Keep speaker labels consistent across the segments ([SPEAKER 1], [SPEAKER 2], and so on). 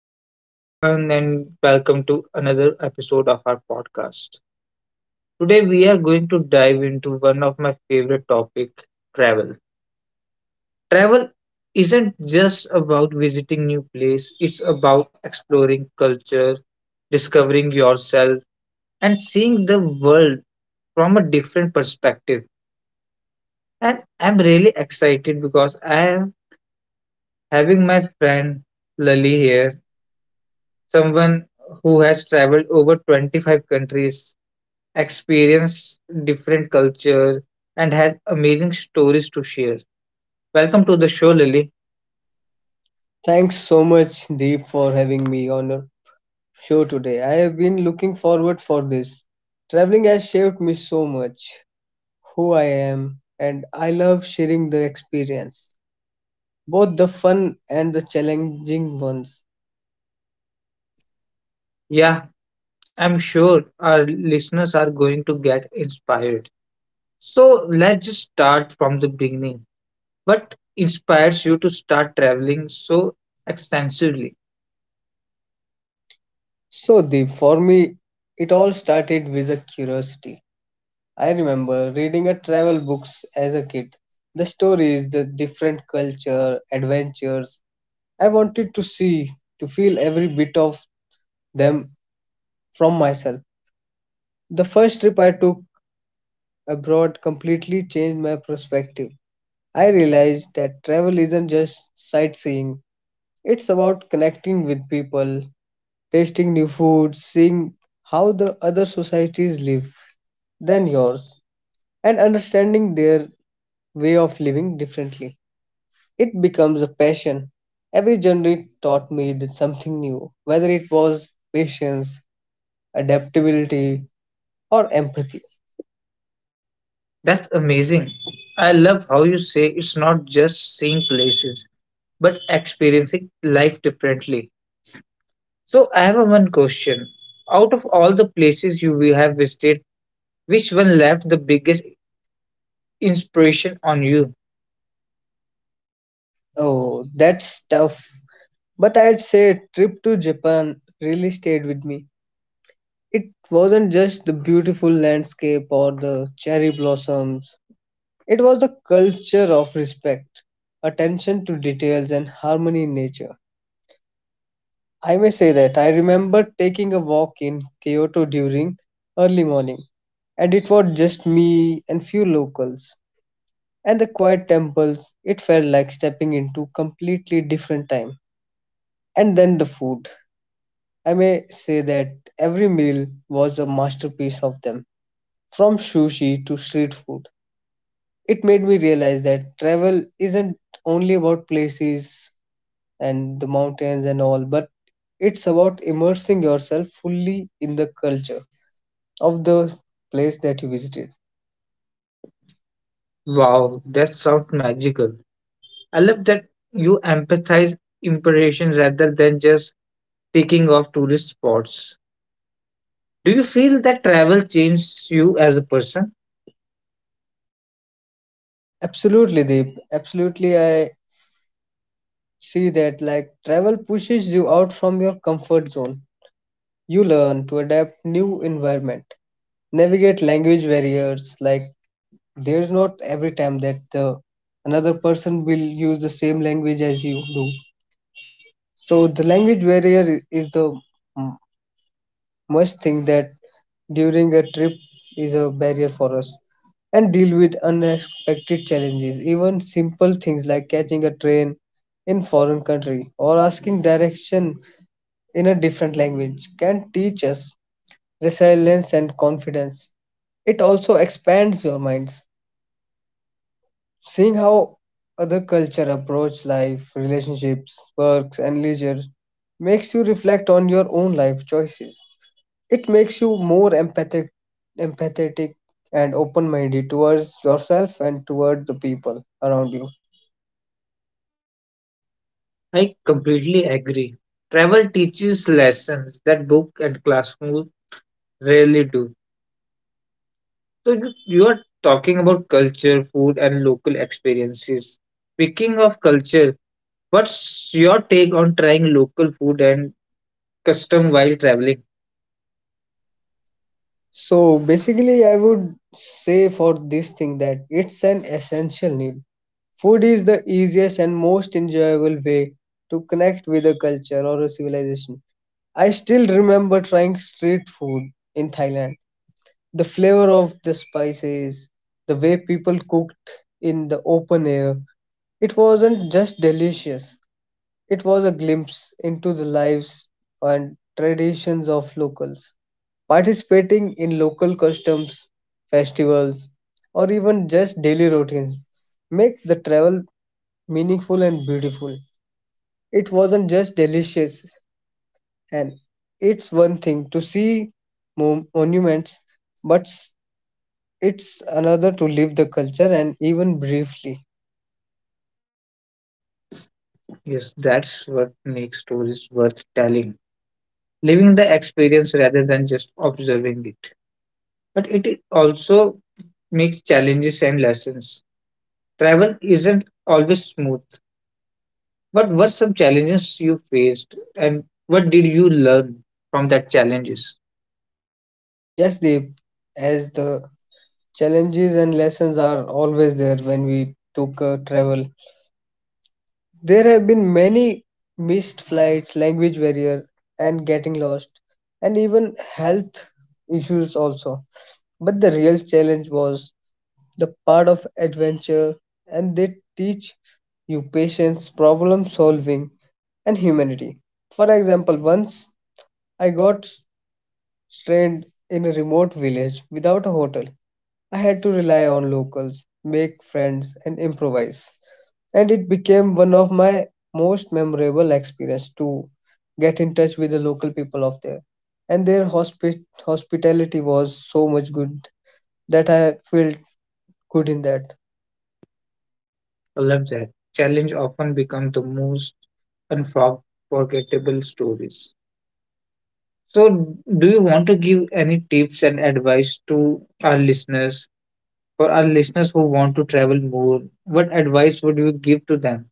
[SPEAKER 1] Hello, everyone, and welcome to another episode of our podcast. Today, we are going to dive into one of my favorite topic, travel. Travel isn't just about visiting new place; it's about exploring culture, discovering yourself, and seeing the world from a different perspective. And I'm really excited because I am having my friend Lali here. Someone who has traveled over 25 countries, experienced different cultures, and has amazing stories to share. Welcome to the show, Lily.
[SPEAKER 2] Thanks so much, Deep, for having me on your show today. I have been looking forward for this. Traveling has shaped me so much, who I am, and I love sharing the experience, both the fun and the challenging ones.
[SPEAKER 1] Yeah, I'm sure our listeners are going to get inspired. So let's just start from the beginning. What inspires you to start traveling so extensively?
[SPEAKER 2] So, Deep, for me, it all started with a curiosity. I remember reading a travel books as a kid. The stories, the different culture, adventures. I wanted to see, to feel every bit of them from myself. The first trip I took abroad completely changed my perspective. I realized that travel isn't just sightseeing, it's about connecting with people, tasting new food, seeing how the other societies live than yours, and understanding their way of living differently. It becomes a passion. Every journey taught me that something new, whether it was patience, adaptability, or empathy.
[SPEAKER 1] That's amazing. I love how you say it's not just seeing places, but experiencing life differently. So I have a one question. Out of all the places you we have visited, which one left the biggest inspiration on you?
[SPEAKER 2] Oh, that's tough. But I'd say trip to Japan really stayed with me. It wasn't just the beautiful landscape or the cherry blossoms, it was the culture of respect, attention to details, and harmony in nature. I may say that I remember taking a walk in Kyoto during early morning, and it was just me and few locals. And the quiet temples, it felt like stepping into completely different time. And then the food. I may say that every meal was a masterpiece of them, from sushi to street food. It made me realize that travel isn't only about places and the mountains and all, but it's about immersing yourself fully in the culture of the place that you visited.
[SPEAKER 1] Wow, that sounds magical. I love that you empathize inspirations rather than just taking off tourist spots. Do you feel that travel changes you as a person?
[SPEAKER 2] Absolutely, Deep. Absolutely, I see that like travel pushes you out from your comfort zone. You learn to adapt new environment, navigate language barriers. Like, there's not every time that another person will use the same language as you do, so the language barrier is the m- must thing that during a trip is a barrier for us, and deal with unexpected challenges. Even simple things like catching a train in foreign country or asking direction in a different language can teach us resilience, and confidence. It also expands your minds. Seeing how other culture approach life, relationships, works, and leisure makes you reflect on your own life choices. It makes you more empathetic and open-minded towards yourself and towards the people around you.
[SPEAKER 1] I completely agree. Travel teaches lessons that book and classroom rarely do. So you are talking about culture, food, and local experiences. Speaking of culture, what's your take on trying local food and custom while traveling?
[SPEAKER 2] So basically, I would say for this thing that it's an essential need. Food is the easiest and most enjoyable way to connect with a culture or a civilization. I still remember trying street food in Thailand. The flavor of the spices, the way people cooked in the open air, it wasn't just delicious, it was a glimpse into the lives and traditions of locals. Participating in local customs, festivals, or even just daily routines make the travel meaningful and beautiful. It wasn't just delicious, and it's one thing to see monuments, but it's another to live the culture and even briefly.
[SPEAKER 1] Yes, that's what makes stories worth telling. Living the experience rather than just observing it. But it also makes challenges and lessons. Travel isn't always smooth. What were some challenges you faced and what did you learn from that challenges?
[SPEAKER 2] Yes, Deep, as the challenges and lessons are always there when we took travel. There have been many missed flights, language barrier, and getting lost, and even health issues also. But the real challenge was the part of adventure, and they teach you patience, problem solving, and humanity. For example, once I got stranded in a remote village without a hotel. I had to rely on locals, make friends, and improvise. And it became one of my most memorable experiences to get in touch with the local people of there. And their hospitality was so much good that I felt good in that.
[SPEAKER 1] I love that. Challenge often become the most unforgettable stories. So, do you want to give any tips and advice to our listeners? For our listeners who want to travel more, what advice would you give to them?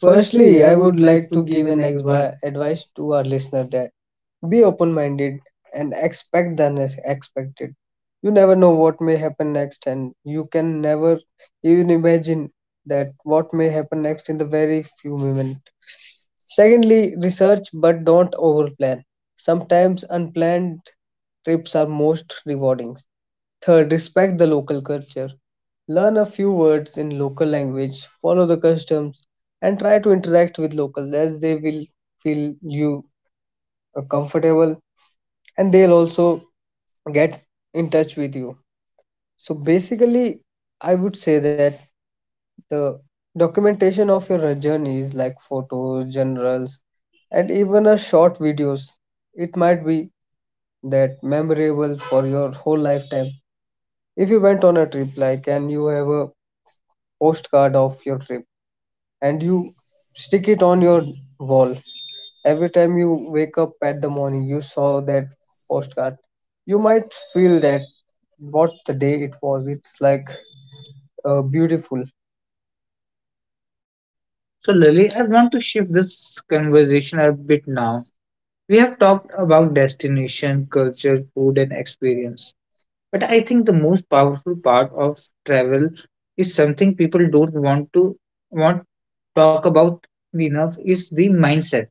[SPEAKER 1] Firstly, I
[SPEAKER 2] I
[SPEAKER 1] would
[SPEAKER 2] would
[SPEAKER 1] like
[SPEAKER 2] like
[SPEAKER 1] to
[SPEAKER 2] to
[SPEAKER 1] give
[SPEAKER 2] give
[SPEAKER 1] an
[SPEAKER 2] an
[SPEAKER 1] advice.
[SPEAKER 2] advice to our listener that be open minded and expect the unexpected. You never know what may happen next, and you can never even imagine that what may happen next in the very few moments. Secondly, research but don't overplan. Sometimes unplanned trips are most rewarding. Third, respect the local culture. Learn a few words in local language, follow the customs, and try to interact with locals as they will feel you comfortable and they'll also get in touch with you. So basically, I would say that the documentation of your journeys, like photos, generals, and even a short videos, it might be that memorable for your whole lifetime. If you went on a trip, like, and you have a postcard of your trip, and you stick it on your wall, every time you wake up at the morning, you saw that postcard. You might feel that what the day it was. It's like beautiful.
[SPEAKER 1] So, Lily, I want to shift this conversation a bit now. We have talked about destination, culture, food, and experience. But I think the most powerful part of travel is something people don't want to want talk about enough is the mindset.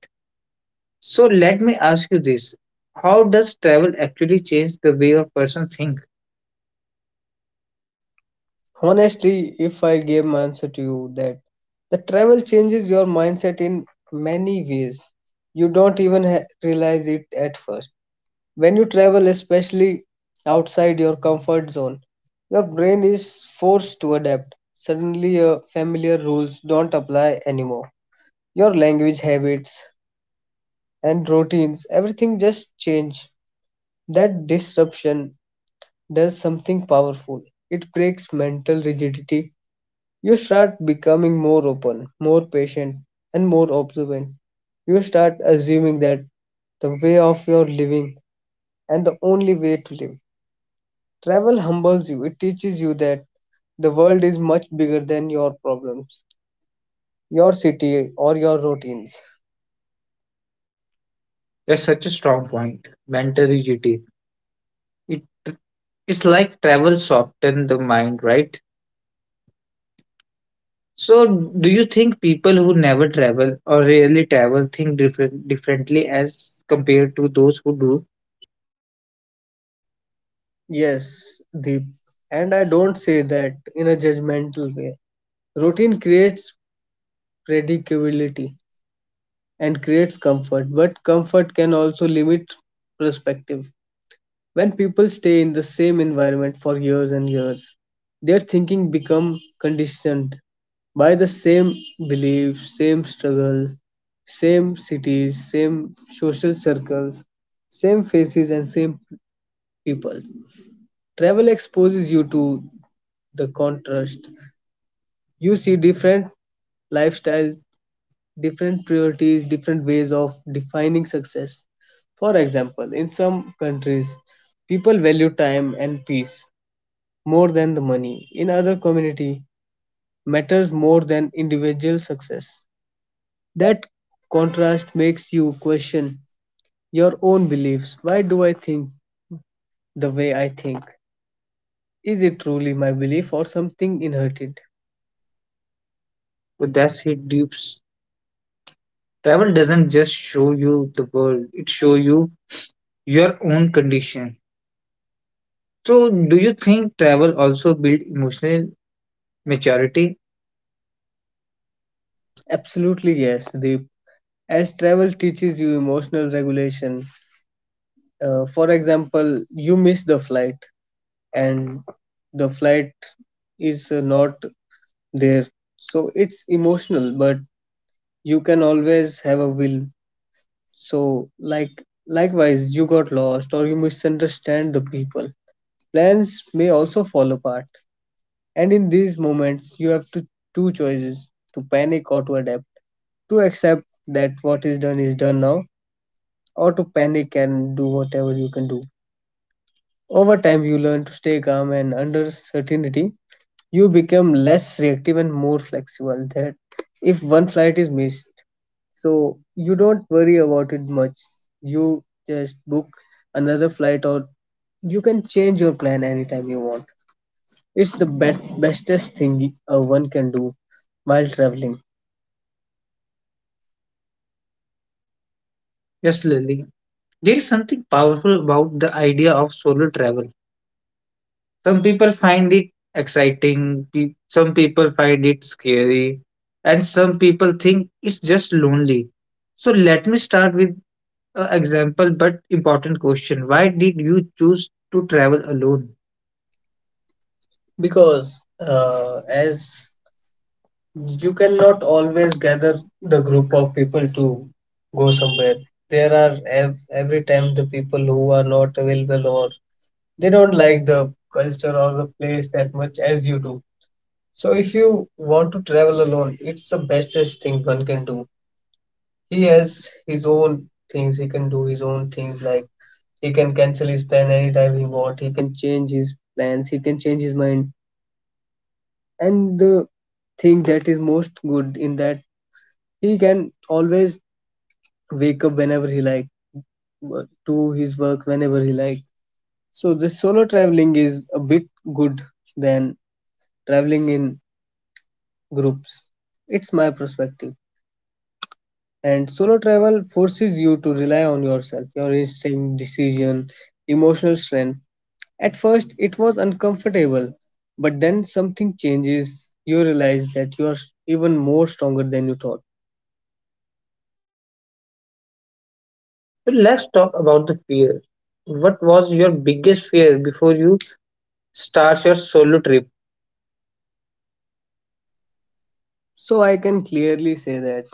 [SPEAKER 1] So let me ask you this. How does travel actually change the way a person think?
[SPEAKER 2] Honestly, if I gave my answer to you that the travel changes your mindset in many ways. You don't even realize it at first. When you travel, especially outside your comfort zone, your brain is forced to adapt. Suddenly, familiar rules don't apply anymore. Your language habits, and routines, everything just change. That disruption does something powerful. It breaks mental rigidity. You start becoming more open, more patient, and more observant. You start assuming that the way of your living and the only way to live. Travel humbles you. It teaches you that the world is much bigger than your problems, your city, or your routines.
[SPEAKER 1] That's such a strong point. Mental rigidity. It it's like travel soften the mind, right? So
[SPEAKER 2] So,
[SPEAKER 1] do you think people who never travel or rarely travel think differently as compared to those who do?
[SPEAKER 2] yes, Deep. And I don't say that in a judgmental way. Routine creates predictability and creates comfort, but comfort can also limit perspective. When people stay in the same environment for years and years, their thinking become conditioned by the same beliefs, same struggles, same cities, same social circles, same faces, and same people. Travel exposes you to the contrast. You see different lifestyles, different priorities, different ways of defining success. For example, in some countries, people value time and peace more than the money. In other community, matters more than individual success. That contrast makes you question your own beliefs. Why do I think the way I think? Is it truly my belief or something inherited?
[SPEAKER 1] Well, that's it, deep. Travel doesn't just show you the world, it show you your own condition. So, do you think travel also build emotional maturity?
[SPEAKER 2] Absolutely yes, Deep. As travel teaches you emotional regulation, for example, you miss the flight and the flight is not there. So it's emotional, but you can always have a will. So like likewise, you got lost or you misunderstand the people. Plans may also fall apart. And in these moments, you have to two choices, to panic or to adapt, to accept that what is done now or to panic and do whatever you can do. Over time, you learn to stay calm and under certainty. You become less reactive and more flexible. That if one flight is missed, so you don't worry about it much. You just book another flight, or you can change your plan anytime you want. It's the bestest thing one can do while traveling
[SPEAKER 1] Yes, Lily. There is something powerful about the idea of solo travel. Some people find it exciting, some people find it scary, and some people think it's just lonely. So, let me start with an example but important question. Why did you choose to travel alone? Because
[SPEAKER 2] because,
[SPEAKER 1] as
[SPEAKER 2] as you
[SPEAKER 1] you cannot
[SPEAKER 2] cannot always
[SPEAKER 1] always gather
[SPEAKER 2] gather the
[SPEAKER 1] the group
[SPEAKER 2] group
[SPEAKER 1] of
[SPEAKER 2] of
[SPEAKER 1] people
[SPEAKER 2] people
[SPEAKER 1] to
[SPEAKER 2] to
[SPEAKER 1] go
[SPEAKER 2] go
[SPEAKER 1] somewhere.
[SPEAKER 2] somewhere. There are every
[SPEAKER 1] Every
[SPEAKER 2] time
[SPEAKER 1] time
[SPEAKER 2] the
[SPEAKER 1] the people
[SPEAKER 2] people
[SPEAKER 1] who
[SPEAKER 2] who are
[SPEAKER 1] are
[SPEAKER 2] not
[SPEAKER 1] not available
[SPEAKER 2] available
[SPEAKER 1] or
[SPEAKER 2] or they
[SPEAKER 1] they
[SPEAKER 2] don't
[SPEAKER 1] don't
[SPEAKER 2] like
[SPEAKER 1] like
[SPEAKER 2] the
[SPEAKER 1] the
[SPEAKER 2] culture
[SPEAKER 1] culture or
[SPEAKER 2] or the
[SPEAKER 1] the place
[SPEAKER 2] place that
[SPEAKER 1] that
[SPEAKER 2] much
[SPEAKER 1] much as
[SPEAKER 2] as you
[SPEAKER 1] you do.
[SPEAKER 2] do. So
[SPEAKER 1] So
[SPEAKER 2] if
[SPEAKER 1] if
[SPEAKER 2] you
[SPEAKER 1] you want
[SPEAKER 2] want
[SPEAKER 1] to
[SPEAKER 2] to travel
[SPEAKER 1] travel
[SPEAKER 2] alone,
[SPEAKER 1] alone,
[SPEAKER 2] it's
[SPEAKER 1] it's the
[SPEAKER 2] the
[SPEAKER 1] bestest
[SPEAKER 2] bestest
[SPEAKER 1] thing
[SPEAKER 2] thing
[SPEAKER 1] one
[SPEAKER 2] one can
[SPEAKER 1] can do.
[SPEAKER 2] do. He
[SPEAKER 1] He
[SPEAKER 2] has
[SPEAKER 1] has
[SPEAKER 2] his
[SPEAKER 1] his own
[SPEAKER 2] own things.
[SPEAKER 1] things he
[SPEAKER 2] He can
[SPEAKER 1] can
[SPEAKER 2] do
[SPEAKER 1] do,
[SPEAKER 2] his
[SPEAKER 1] his
[SPEAKER 2] own
[SPEAKER 1] own things
[SPEAKER 2] things like
[SPEAKER 1] like
[SPEAKER 2] he
[SPEAKER 1] he
[SPEAKER 2] can
[SPEAKER 1] can
[SPEAKER 2] cancel
[SPEAKER 1] cancel
[SPEAKER 2] his
[SPEAKER 1] his
[SPEAKER 2] plan
[SPEAKER 1] plan
[SPEAKER 2] anytime
[SPEAKER 1] anytime
[SPEAKER 2] he
[SPEAKER 1] he
[SPEAKER 2] want.
[SPEAKER 1] wants.
[SPEAKER 2] He
[SPEAKER 1] He...
[SPEAKER 2] can change his plans. He can change his mind. And the thing that is most good in that, he can always wake up whenever he like, do his work whenever he like. So this solo traveling is a bit good than traveling in groups. It's my perspective. And solo travel forces you to rely on yourself, your instinct, decision, emotional strength. At first, it was uncomfortable, but then something changes. You realize that you are even more stronger than you thought.
[SPEAKER 1] But let's talk about the fear. What was your biggest fear before you start your solo trip?
[SPEAKER 2] So I can clearly say that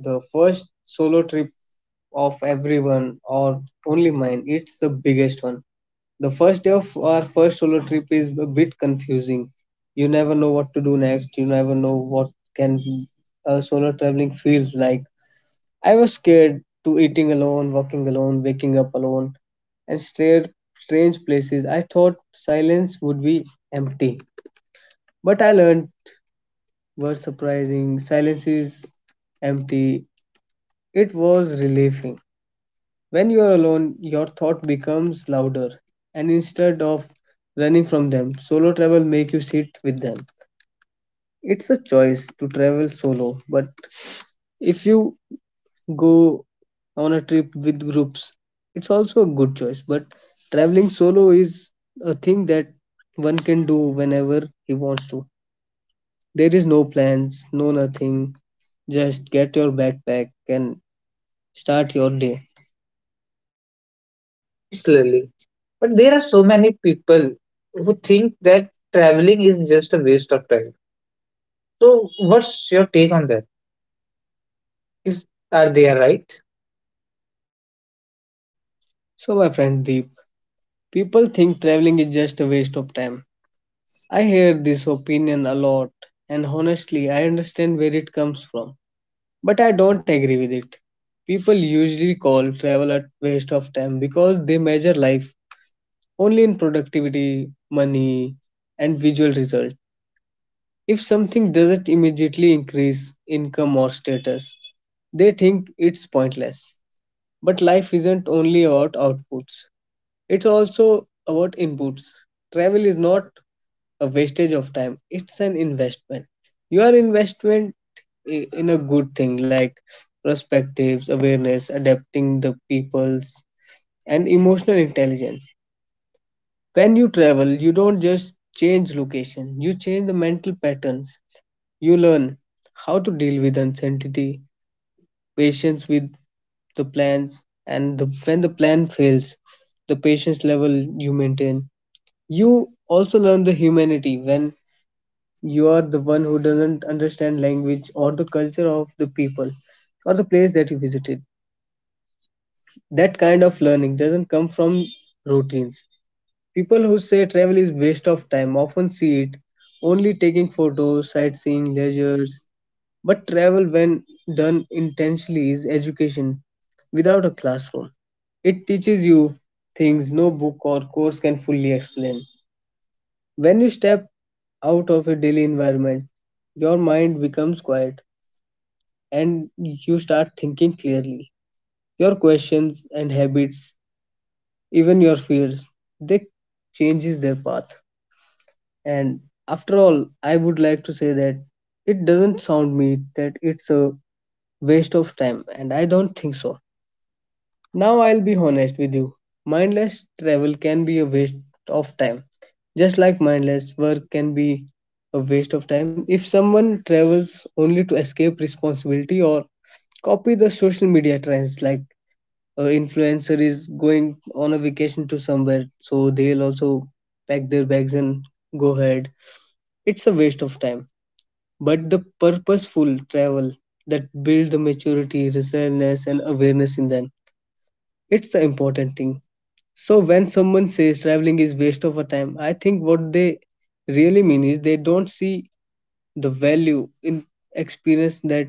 [SPEAKER 2] the first solo trip of everyone or only mine, it's the biggest one. The first day of our first solo trip is a bit confusing. You never know what to do next. You never know what can solo traveling feels like. I was scared to eating alone, walking alone, waking up alone, and stared strange places. I thought silence would be empty, but I learned were surprising silence is empty. It was relieving. When you are alone, your thought becomes louder, and instead of running from them, solo travel make you sit with them. It's a choice to travel solo, but if you go on a trip with groups, it's also a good choice. But traveling solo is a thing that one can do whenever he wants to. There is no plans, no nothing. Just get your backpack and start your day.
[SPEAKER 1] Slowly. But there are so many people who think that traveling is just a waste of time. So, what's your take on that? Is Are they right?
[SPEAKER 2] So, my friend Deep, people think traveling is just a waste of time. I hear this opinion a lot, and honestly, I understand where it comes from, but I don't agree with it. People usually call travel a waste of time because they measure life only in productivity, money, and visual result. If something doesn't immediately increase income or status, they think it's pointless. But life isn't only about outputs, it's also about inputs. Travel is not a wastage of time. It's an investment. Your investment in a good thing like perspectives, awareness, adapting the people's, and emotional intelligence. When you travel, you don't just change location, you change the mental patterns. You learn how to deal with uncertainty, patience with the plans, and the, when the plan fails, the patience level you maintain. You also learn the humanity when you are the one who doesn't understand language or the culture of the people or the place that you visited. That kind of learning doesn't come from routines. People who say travel is waste of time often see it only taking photos, sightseeing, leisures. But travel, when done intentionally, is education without a classroom. It teaches you things no book or course can fully explain. When you step out of a daily environment, your mind becomes quiet and you start thinking clearly. Your questions and habits, even your fears, they changes their path. And after all, I would like to say that it doesn't sound me that it's a waste of time, and I don't think so. Now I'll be honest with you. Mindless travel can be a waste of time. Just like mindless work can be a waste of time. If someone travels only to escape responsibility or copy the social media trends, like a influencer is going on a vacation to somewhere so they'll also pack their bags and go ahead, it's a waste of time. But the purposeful travel that build the maturity resilience and awareness in them, it's the important thing. So when someone says traveling is waste of a time, I think what they really mean is they don't see the value in experience that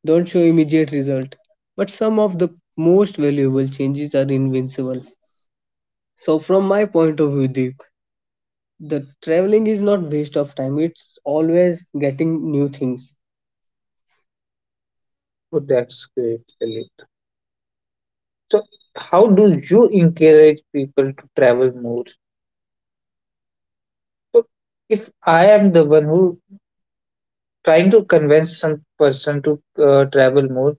[SPEAKER 2] don't show immediate result. But some of the most valuable changes are invincible. So from my point of view, Deep, the traveling is not waste of time. It's always getting new things.
[SPEAKER 1] Oh, that's great, Elliot. So, how do you encourage people to travel more? So, if I am the one who trying to convince some person to travel more,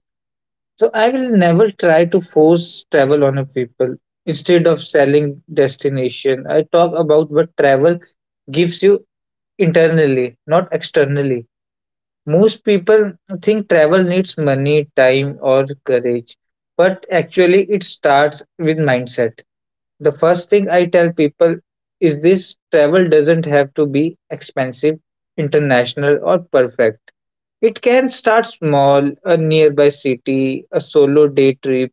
[SPEAKER 1] so I will never try to force travel on a people. Instead of selling destination, I talk about what travel gives you internally, not externally. Most people think travel needs money, time, or courage, but actually, it starts with mindset. The first thing I tell people is this: travel doesn't have to be expensive, international, or perfect. It can start small, a nearby city, a solo day trip,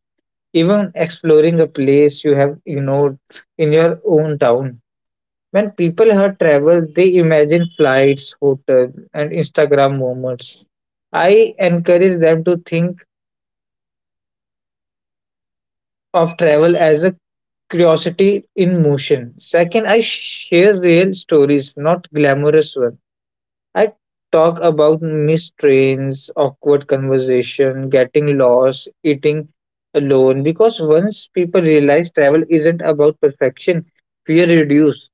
[SPEAKER 1] even exploring a place you have ignored in your own town. When people heard travel, they imagine flights, hotels, and Instagram moments. I encourage them to think of travel as a curiosity in motion. Second, I share real stories, not glamorous ones. I talk about missed trains, awkward conversation, getting lost, eating alone. Because once people realize travel isn't about perfection, fear reduces.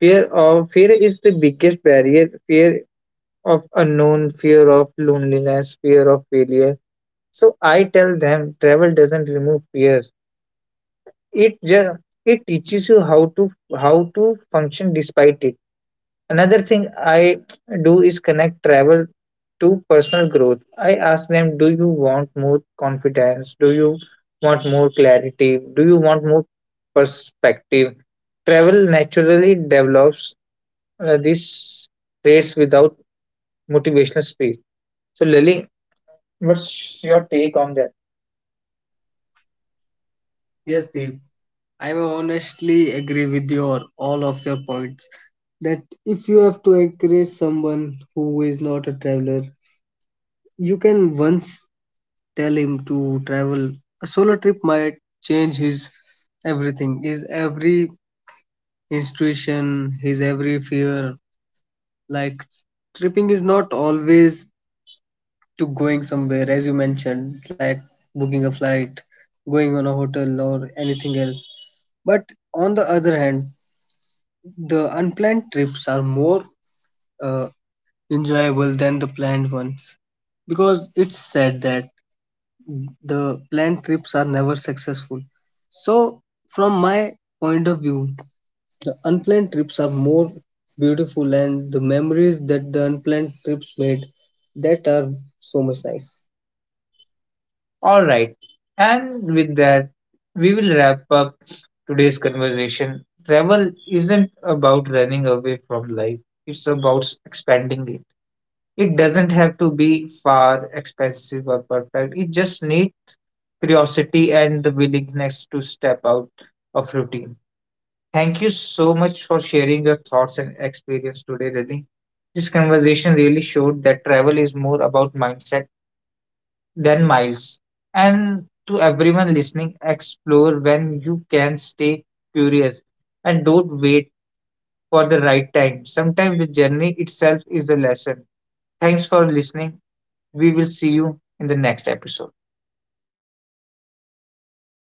[SPEAKER 1] Fear of fear is the biggest barrier. Fear of unknown, fear of loneliness, fear of failure. So I tell them travel doesn't remove fear. It just it teaches you how to function despite it. Another thing I do is connect travel to personal growth. I ask them, do you want more confidence? Do you want more clarity? Do you want more perspective? Travel naturally develops these traits without motivational speech. So, Lily, what's your take on that? Yes,
[SPEAKER 2] Yes,
[SPEAKER 1] please.
[SPEAKER 2] Deep. I honestly agree with your all of your points that if you have to encourage someone who is not a traveler, you can once tell him to travel. A solo trip might change his everything, his every intuition, his every fear. Like tripping is not always to going somewhere, as you mentioned, like booking a flight, going on a hotel, or anything else. But on the other hand, the unplanned trips are more uh, enjoyable than the planned ones because it's said that the planned trips are never successful. So, from my point of view, the unplanned trips are more beautiful, and the memories that the unplanned trips made that are so much nice.
[SPEAKER 1] All right. And with that, we will wrap up today's conversation. Travel isn't about running away from life, it's about expanding it. It doesn't have to be far, expensive, or perfect. It just needs curiosity and the willingness to step out of routine. Thank you so much for sharing your thoughts and experience today, Rani. This conversation really showed that travel is more about mindset than miles. And to everyone listening, explore when you can, stay curious, and don't wait for the right time. Sometimes the journey itself is a lesson. Thanks for listening. We will see you in the next episode.